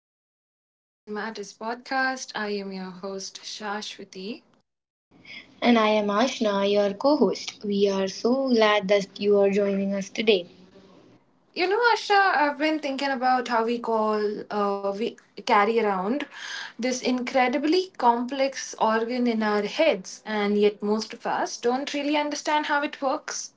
and welcome to the Mind Matters podcast. I am your host, Shashwati. And I am Ashna, your co host. We are so glad that you are joining us today. You know, Asha, I've been thinking about how we carry around this incredibly complex organ in our heads, and yet most of us don't really understand how it works.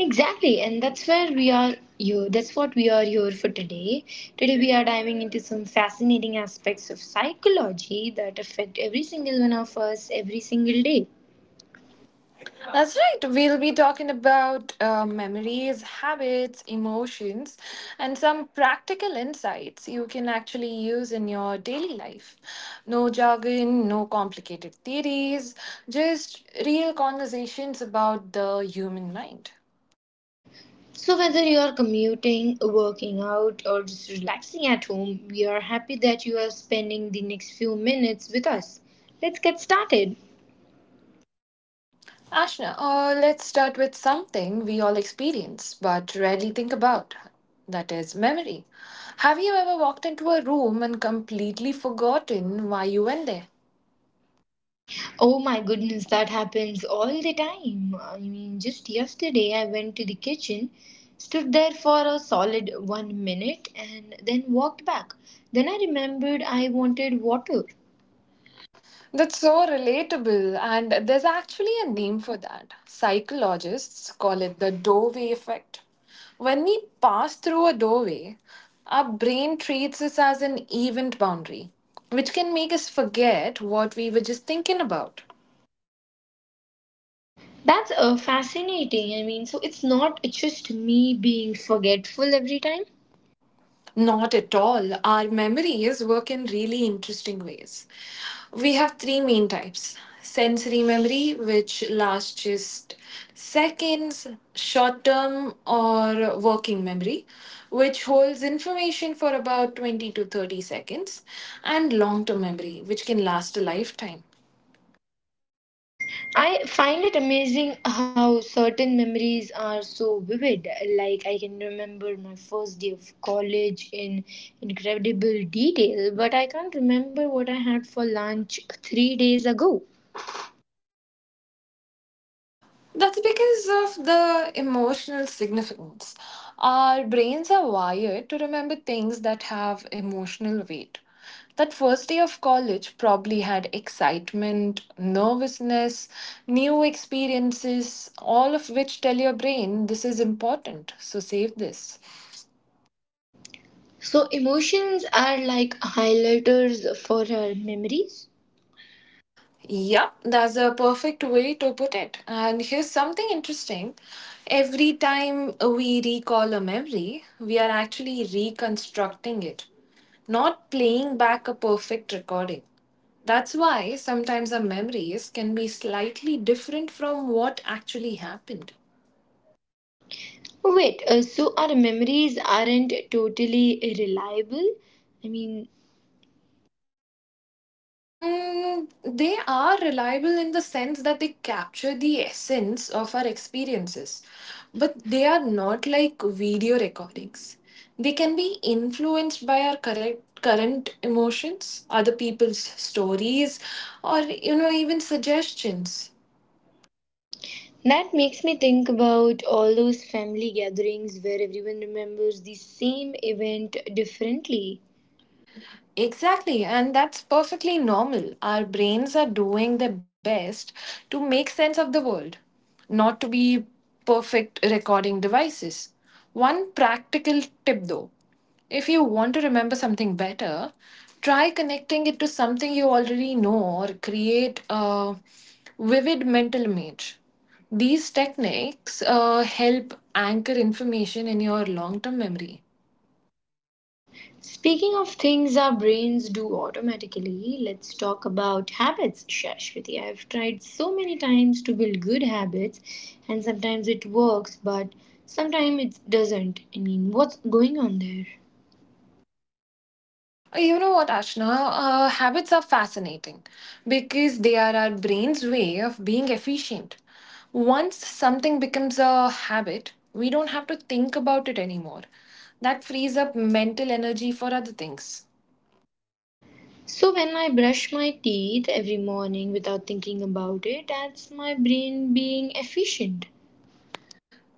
Exactly, and that's where we are. That's what we are here for today. Today we are diving into some fascinating aspects of psychology that affect every single one of us every single day. That's right. We'll be talking about memories, habits, emotions, and some practical insights you can actually use in your daily life. No jargon, no complicated theories, just real conversations about the human mind. So whether you are commuting, working out, or just relaxing at home, we are happy that you are spending the next few minutes with us. Let's get started. Ashna, let's start with something we all experience but rarely think about. That is memory. Have you ever walked into a room and completely forgotten why you went there? Oh my goodness, that happens all the time. I mean, just yesterday I went to the kitchen, stood there for a solid 1 minute, and then walked back. Then I remembered I wanted water. That's so relatable, and there's actually a name for that. Psychologists call it the doorway effect. When we pass through a doorway, our brain treats us as an event boundary, which can make us forget what we were just thinking about. That's fascinating. I mean, so it's not just me being forgetful every time. Not at all. Our memories work in really interesting ways. We have three main types: sensory memory, which lasts just seconds; short term, or working memory, which holds information for about 20 to 30 seconds; and long term memory, which can last a lifetime. I find it amazing how certain memories are so vivid. Like, I can remember my first day of college in incredible detail, but I can't remember what I had for lunch 3 days ago. That's because of the emotional significance. Our brains are wired to remember things that have emotional weight. That first day of college probably had excitement, nervousness, new experiences, all of which tell your brain this is important, so save this. So, emotions are like highlighters for our memories. Yep, that's a perfect way to put it. And here's something interesting. Every time we recall a memory, we are actually reconstructing it, not playing back a perfect recording. That's why sometimes our memories can be slightly different from what actually happened. Wait, so our memories aren't totally reliable? I mean, Mm, they are reliable in the sense that they capture the essence of our experiences, but they are not like video recordings. They can be influenced by our correct current emotions, other people's stories, or even suggestions. That makes me think about all those family gatherings where everyone remembers the same event differently. Exactly, and that's perfectly normal. Our brains are doing their best to make sense of the world, not to be perfect recording devices. One practical tip though: if you want to remember something better, try connecting it to something you already know or create a vivid mental image. These techniques help anchor information in your long term memory. Speaking of things our brains do automatically, let's talk about habits, Shashwati. I have tried so many times to build good habits, and sometimes it works, but sometimes it doesn't. I mean, what's going on there? You know what, Ashna? Habits are fascinating because they are our brain's way of being efficient. Once something becomes a habit, we don't have to think about it anymore. That frees up mental energy for other things. So, when I brush my teeth every morning without thinking about it, that's my brain being efficient.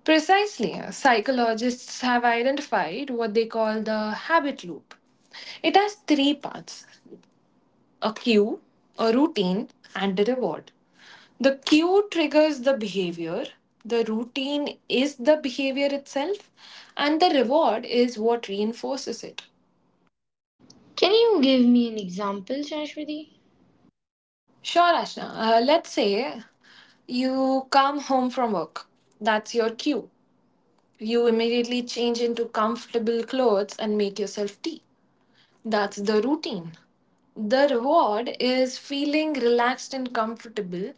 Precisely, psychologists have identified what they call the habit loop. It has three parts: a cue, a routine, and a reward. The cue triggers the behavior, the routine is the behavior itself, and the reward is what reinforces it. Can you give me an example, Shashwati? Sure, Ashna, let's say you come home from work. That's your cue. You immediately change into comfortable clothes and make yourself tea. That's the routine. The reward is feeling relaxed and comfortable.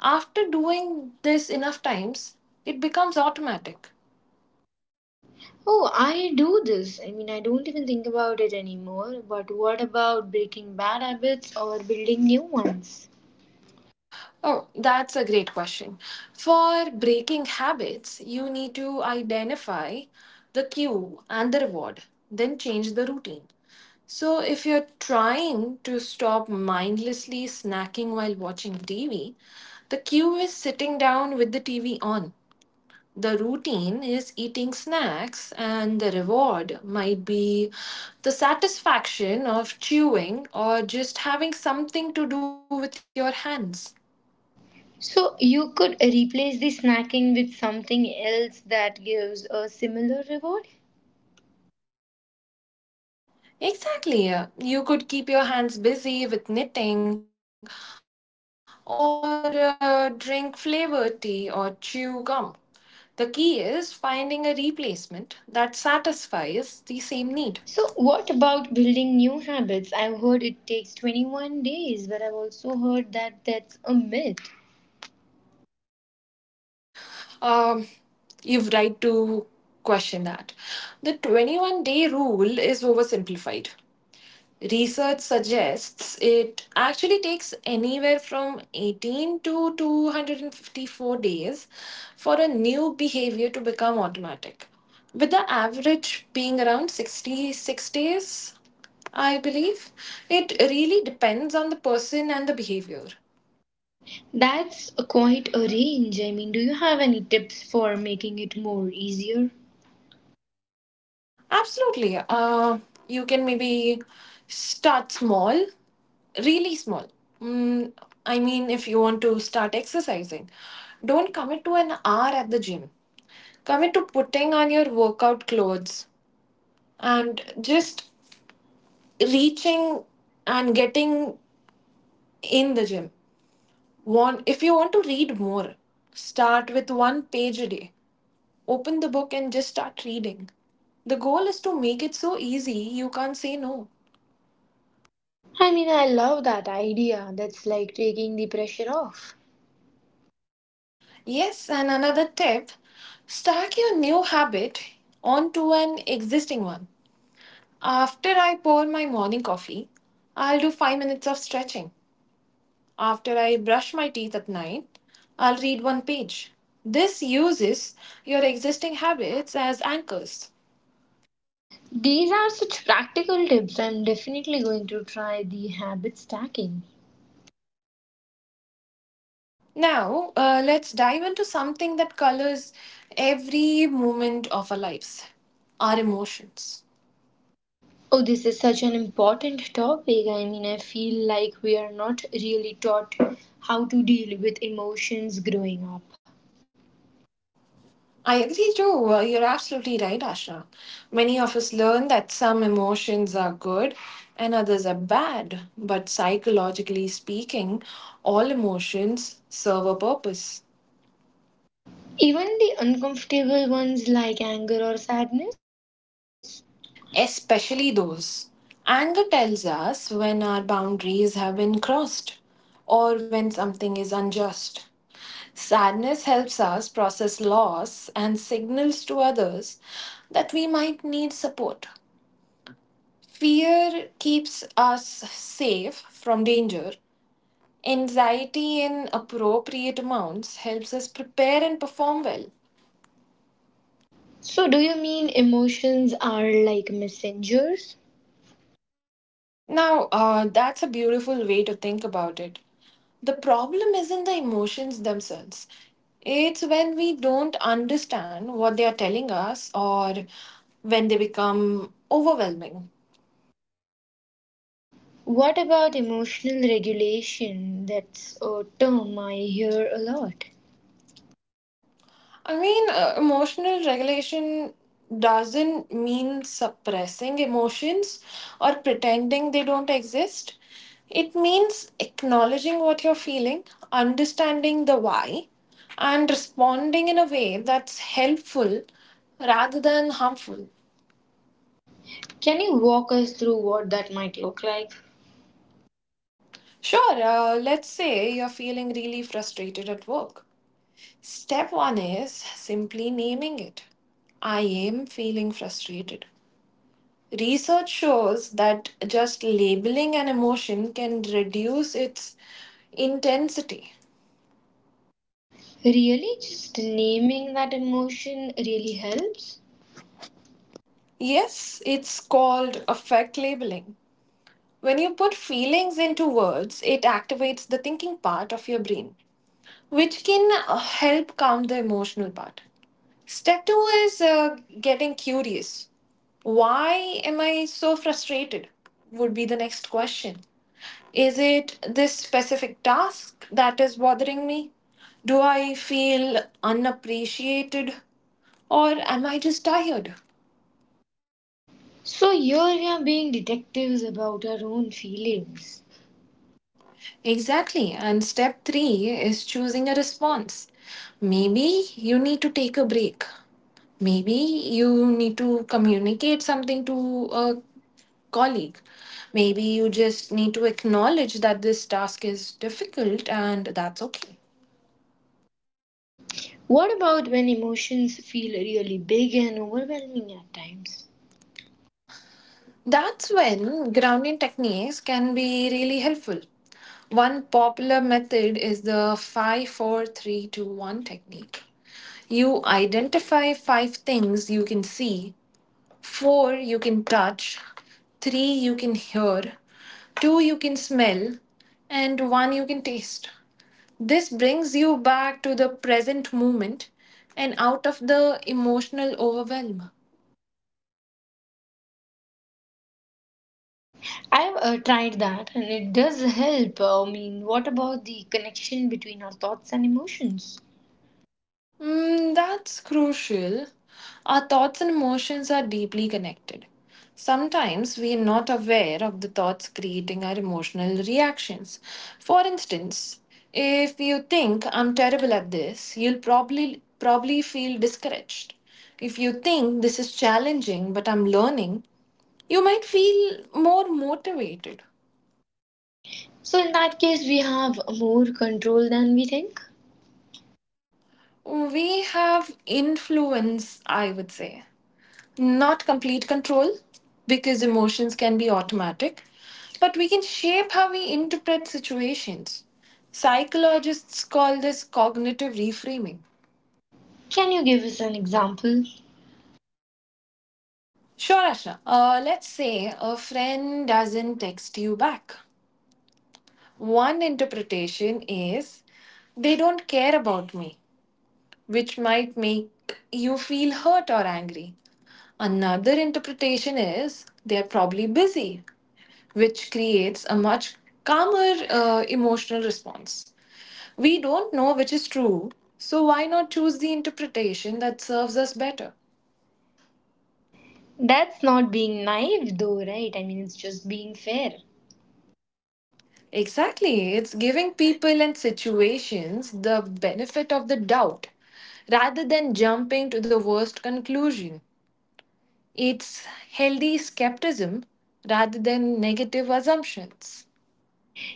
After doing this enough times, it becomes automatic. Oh, I do this. I mean, I don't even think about it anymore. But what about breaking bad habits or building new ones? Oh, that's a great question. For breaking habits, you need to identify the cue and the reward, then change the routine. So, if you're trying to stop mindlessly snacking while watching TV, the cue is sitting down with the TV on. The routine is eating snacks, and the reward might be the satisfaction of chewing or just having something to do with your hands. So, you could replace the snacking with something else that gives a similar reward? Exactly. You could keep your hands busy with knitting or drink flavored tea or chew gum. The key is finding a replacement that satisfies the same need. So, what about building new habits? I've heard it takes 21 days, but I've also heard that that's a myth. Um, you've right to question that. The 21-day rule is oversimplified. Research suggests it actually takes anywhere from 18 to 254 days for a new behavior to become automatic, with the average being around 66 days, I believe. It really depends on the person and the behavior. That's quite a range. I mean, do you have any tips for making it more easier? Absolutely. You can maybe start small, really small. Mm, I mean, if you want to start exercising, don't commit to an hour at the gym. Commit to putting on your workout clothes and just reaching and getting in the gym. Want if you want to read more, start with one page a day. Open the book and just start reading. The goal is to make it so easy you can't say no. I mean, I love that idea. That's like taking the pressure off. Yes, and another tip: stack your new habit onto an existing one. After I pour my morning coffee, I'll do 5 minutes of stretching. After I brush my teeth at night, I'll read one page. This uses your existing habits as anchors. These are such practical tips. I'm definitely going to try the habit stacking. Now, let's dive into something that colors every moment of our lives: our emotions. Oh, this is such an important topic. I mean, I feel like we are not really taught how to deal with emotions growing up. I agree too. You're absolutely right, Ashra. Many of us learn that some emotions are good and others are bad, but psychologically speaking, all emotions serve a purpose, Even the uncomfortable ones like anger or sadness. especially those. Anger tells us when our boundaries have been crossed or when something is unjust. Sadness helps us process loss and signals to others that we might need support. Fear keeps us safe from danger. Anxiety in appropriate amounts helps us prepare and perform well. So, do you mean emotions are like messengers? Now, that's a beautiful way to think about it. The problem isn't the emotions themselves, it's when we don't understand what they are telling us or when they become overwhelming. What about emotional regulation? That's a term I hear a lot. I mean, emotional regulation doesn't mean suppressing emotions or pretending they don't exist. It means acknowledging what you're feeling, understanding the why, and responding in a way that's helpful rather than harmful. Can you walk us through what that might look like? Sure, let's say you're feeling really frustrated at work. Step one is simply naming it. I am feeling frustrated. Research shows that just labeling an emotion can reduce its intensity. Really, just naming that emotion really helps? Yes, it's called affect labeling. When you put feelings into words, it activates the thinking part of your brain, which can help calm the emotional part. Step two is getting curious. Why am I so frustrated? Would be the next question. Is it this specific task that is bothering me? Do I feel unappreciated? Or am I just tired? So, here we are being detectives about our own feelings. Exactly. And step three is choosing a response. Maybe you need to take a break. Maybe you need to communicate something to a colleague. Maybe you just need to acknowledge that this task is difficult and that's okay. What about when emotions feel really big and overwhelming at times? That's when grounding techniques can be really helpful. One popular method is the five, four, three, two, one technique. You identify five things you can see, four you can touch, three you can hear, two you can smell, and one you can taste. This brings you back to the present moment and out of the emotional overwhelm. I've tried that and it does help. I mean, what about the connection between our thoughts and emotions? Mm, that's crucial. Our thoughts and emotions are deeply connected. Sometimes we are not aware of the thoughts creating our emotional reactions. For instance, if you think I'm terrible at this, you'll probably feel discouraged. If you think this is challenging but I'm learning, you might feel more motivated. So, in that case, we have more control than we think. We have influence, I would say. Not complete control, because emotions can be automatic, but we can shape how we interpret situations. Psychologists call this cognitive reframing. Can you give us an example? Sure, Ashna. Let's say a friend doesn't text you back. One interpretation is they don't care about me, which might make you feel hurt or angry. Another interpretation is they are probably busy, which creates a much calmer emotional response. We don't know which is true, so why not choose the interpretation that serves us better? That's not being naive, though, right? I mean, it's just being fair. Exactly, it's giving people and situations the benefit of the doubt rather than jumping to the worst conclusion. It's healthy skepticism rather than negative assumptions.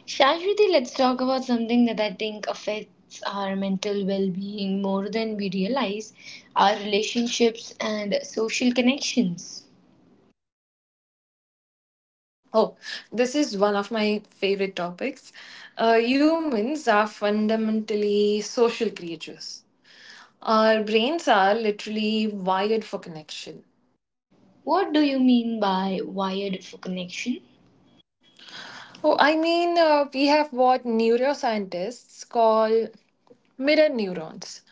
Shashwati, let's talk about something that I think affects our mental well being more than we realize our relationships and social connections. Oh, this is one of my favorite topics. Humans are fundamentally social creatures. Our brains are literally wired for connection. What do you mean by wired for connection? Oh, I mean, we have what neuroscientists call mirror neurons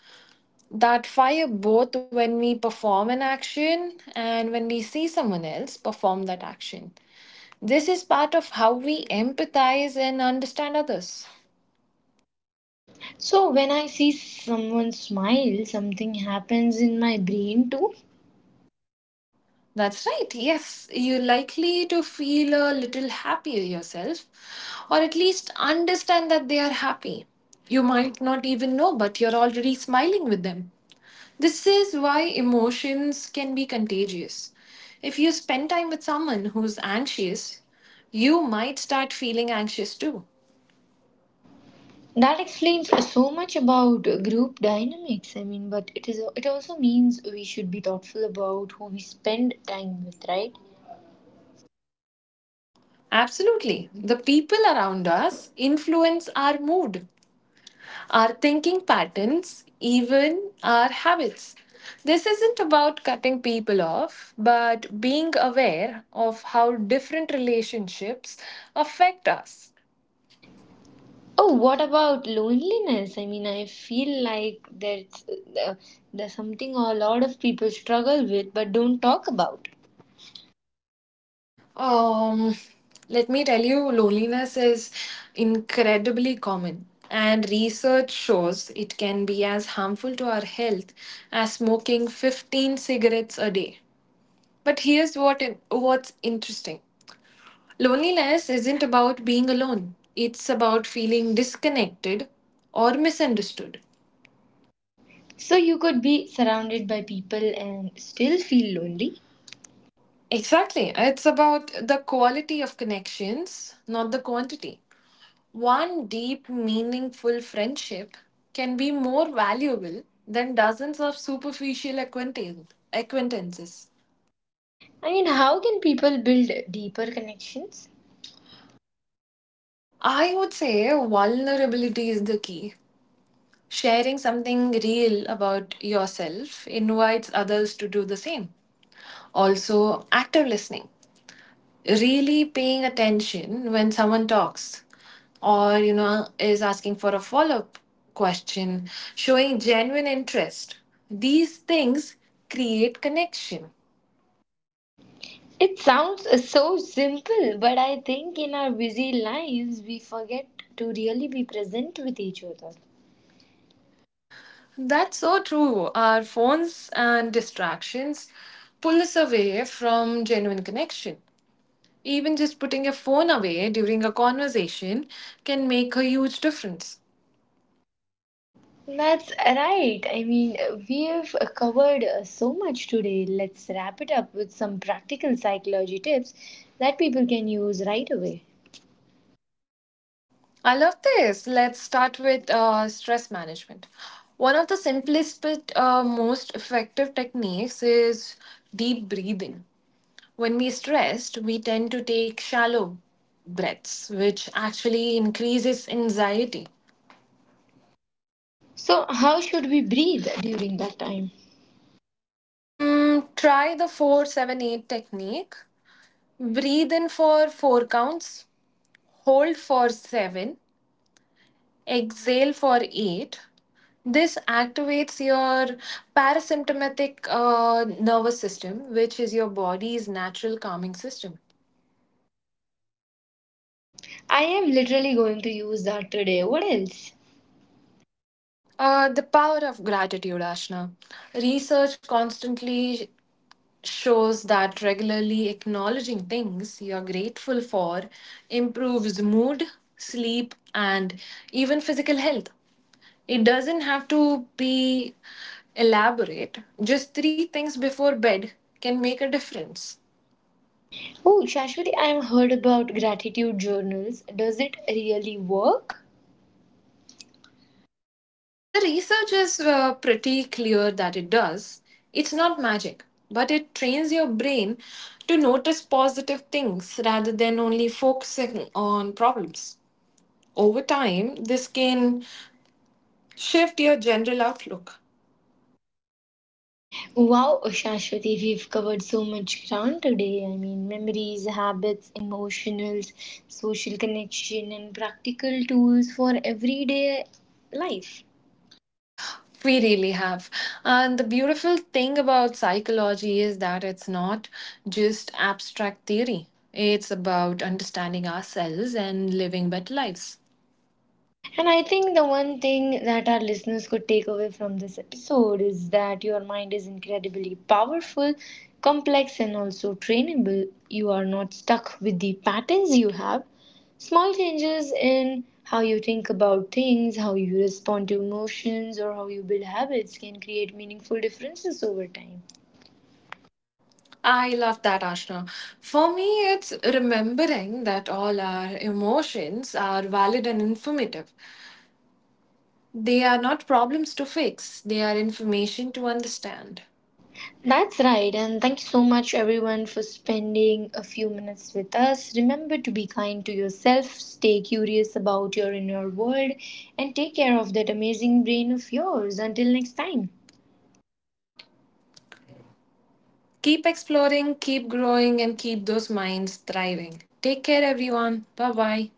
that fire both when we perform an action and when we see someone else perform that action. This is part of how we empathize and understand others. So, when I see someone smile, something happens in my brain too. That's right. Yes, you're likely to feel a little happier yourself, or at least understand that they are happy. You might not even know, but you're already smiling with them. This is why emotions can be contagious. If you spend time with someone who's anxious, you might start feeling anxious too. That explains so much about group dynamics. But it also means we should be thoughtful about who we spend time with, right? Absolutely. The people around us influence our mood, our thinking patterns, even our habits. This isn't about cutting people off, but being aware of how different relationships affect us. Oh, what about loneliness? I mean, I feel like that's uh, there's something a lot of people struggle with but don't talk about. Um, Let me tell you, loneliness is incredibly common, and research shows it can be as harmful to our health as smoking 15 cigarettes a day. But here's what what's interesting. Loneliness isn't about being alone, it's about feeling disconnected or misunderstood. So you could be surrounded by people and still feel lonely. Exactly. It's about the quality of connections, not the quantity. One deep, meaningful friendship can be more valuable than dozens of superficial acquaintances. I mean, how can people build deeper connections? I would say vulnerability is the key. Sharing something real about yourself invites others to do the same. Also, active listening, really paying attention when someone talks or, you know, is asking for a follow up question, showing genuine interest. These things create connection. It sounds so simple, but I think in our busy lives we forget to really be present with each other. That's so true. Our phones and distractions pull us away from genuine connection. Even just putting your phone away during a conversation can make a huge difference. That's right. We've covered so much today. Let's wrap it up with some practical psychology tips that people can use right away. I love this. Let's start with stress management. One of the simplest but most effective techniques is deep breathing. When we're stressed, we tend to take shallow breaths, which actually increases anxiety. So, how should we breathe during that time? Try the 478 technique. Breathe in for 4 counts, hold for 7, exhale for 8. This activates your parasympathetic nervous system, which is your body's natural calming system. I am literally going to use that today. What else? The power of gratitude, Ashna. Research constantly shows that regularly acknowledging things you're grateful for improves mood, sleep, and even physical health. It doesn't have to be elaborate, just 3 things before bed can make a difference. Oh, Shashwati, I have heard about gratitude journals. Does it really work? The research is pretty clear that it does. It's not magic, but it trains your brain to notice positive things rather than only focusing on problems. Over time, this can shift your general outlook. Wow, Shashwati, we've covered so much ground today. I mean, memories, habits, emotionals, social connection, and practical tools for everyday life. We really have. And the beautiful thing about psychology is that it's not just abstract theory, it's about understanding ourselves and living better lives. And I think the one thing that our listeners could take away from this episode is that your mind is incredibly powerful, complex, and also trainable. You are not stuck with the patterns you have. Small changes in how you think about things, how you respond to emotions, or how you build habits can create meaningful differences over time. I love that, Ashna. For me, it's remembering that all our emotions are valid and informative. They are not problems to fix, they are information to understand. That's right, and thank you so much, everyone, for spending a few minutes with us. Remember to be kind to yourself, stay curious about your inner world, and take care of that amazing brain of yours. Until next time. Keep exploring, keep growing, and keep those minds thriving. Take care, everyone. Bye bye.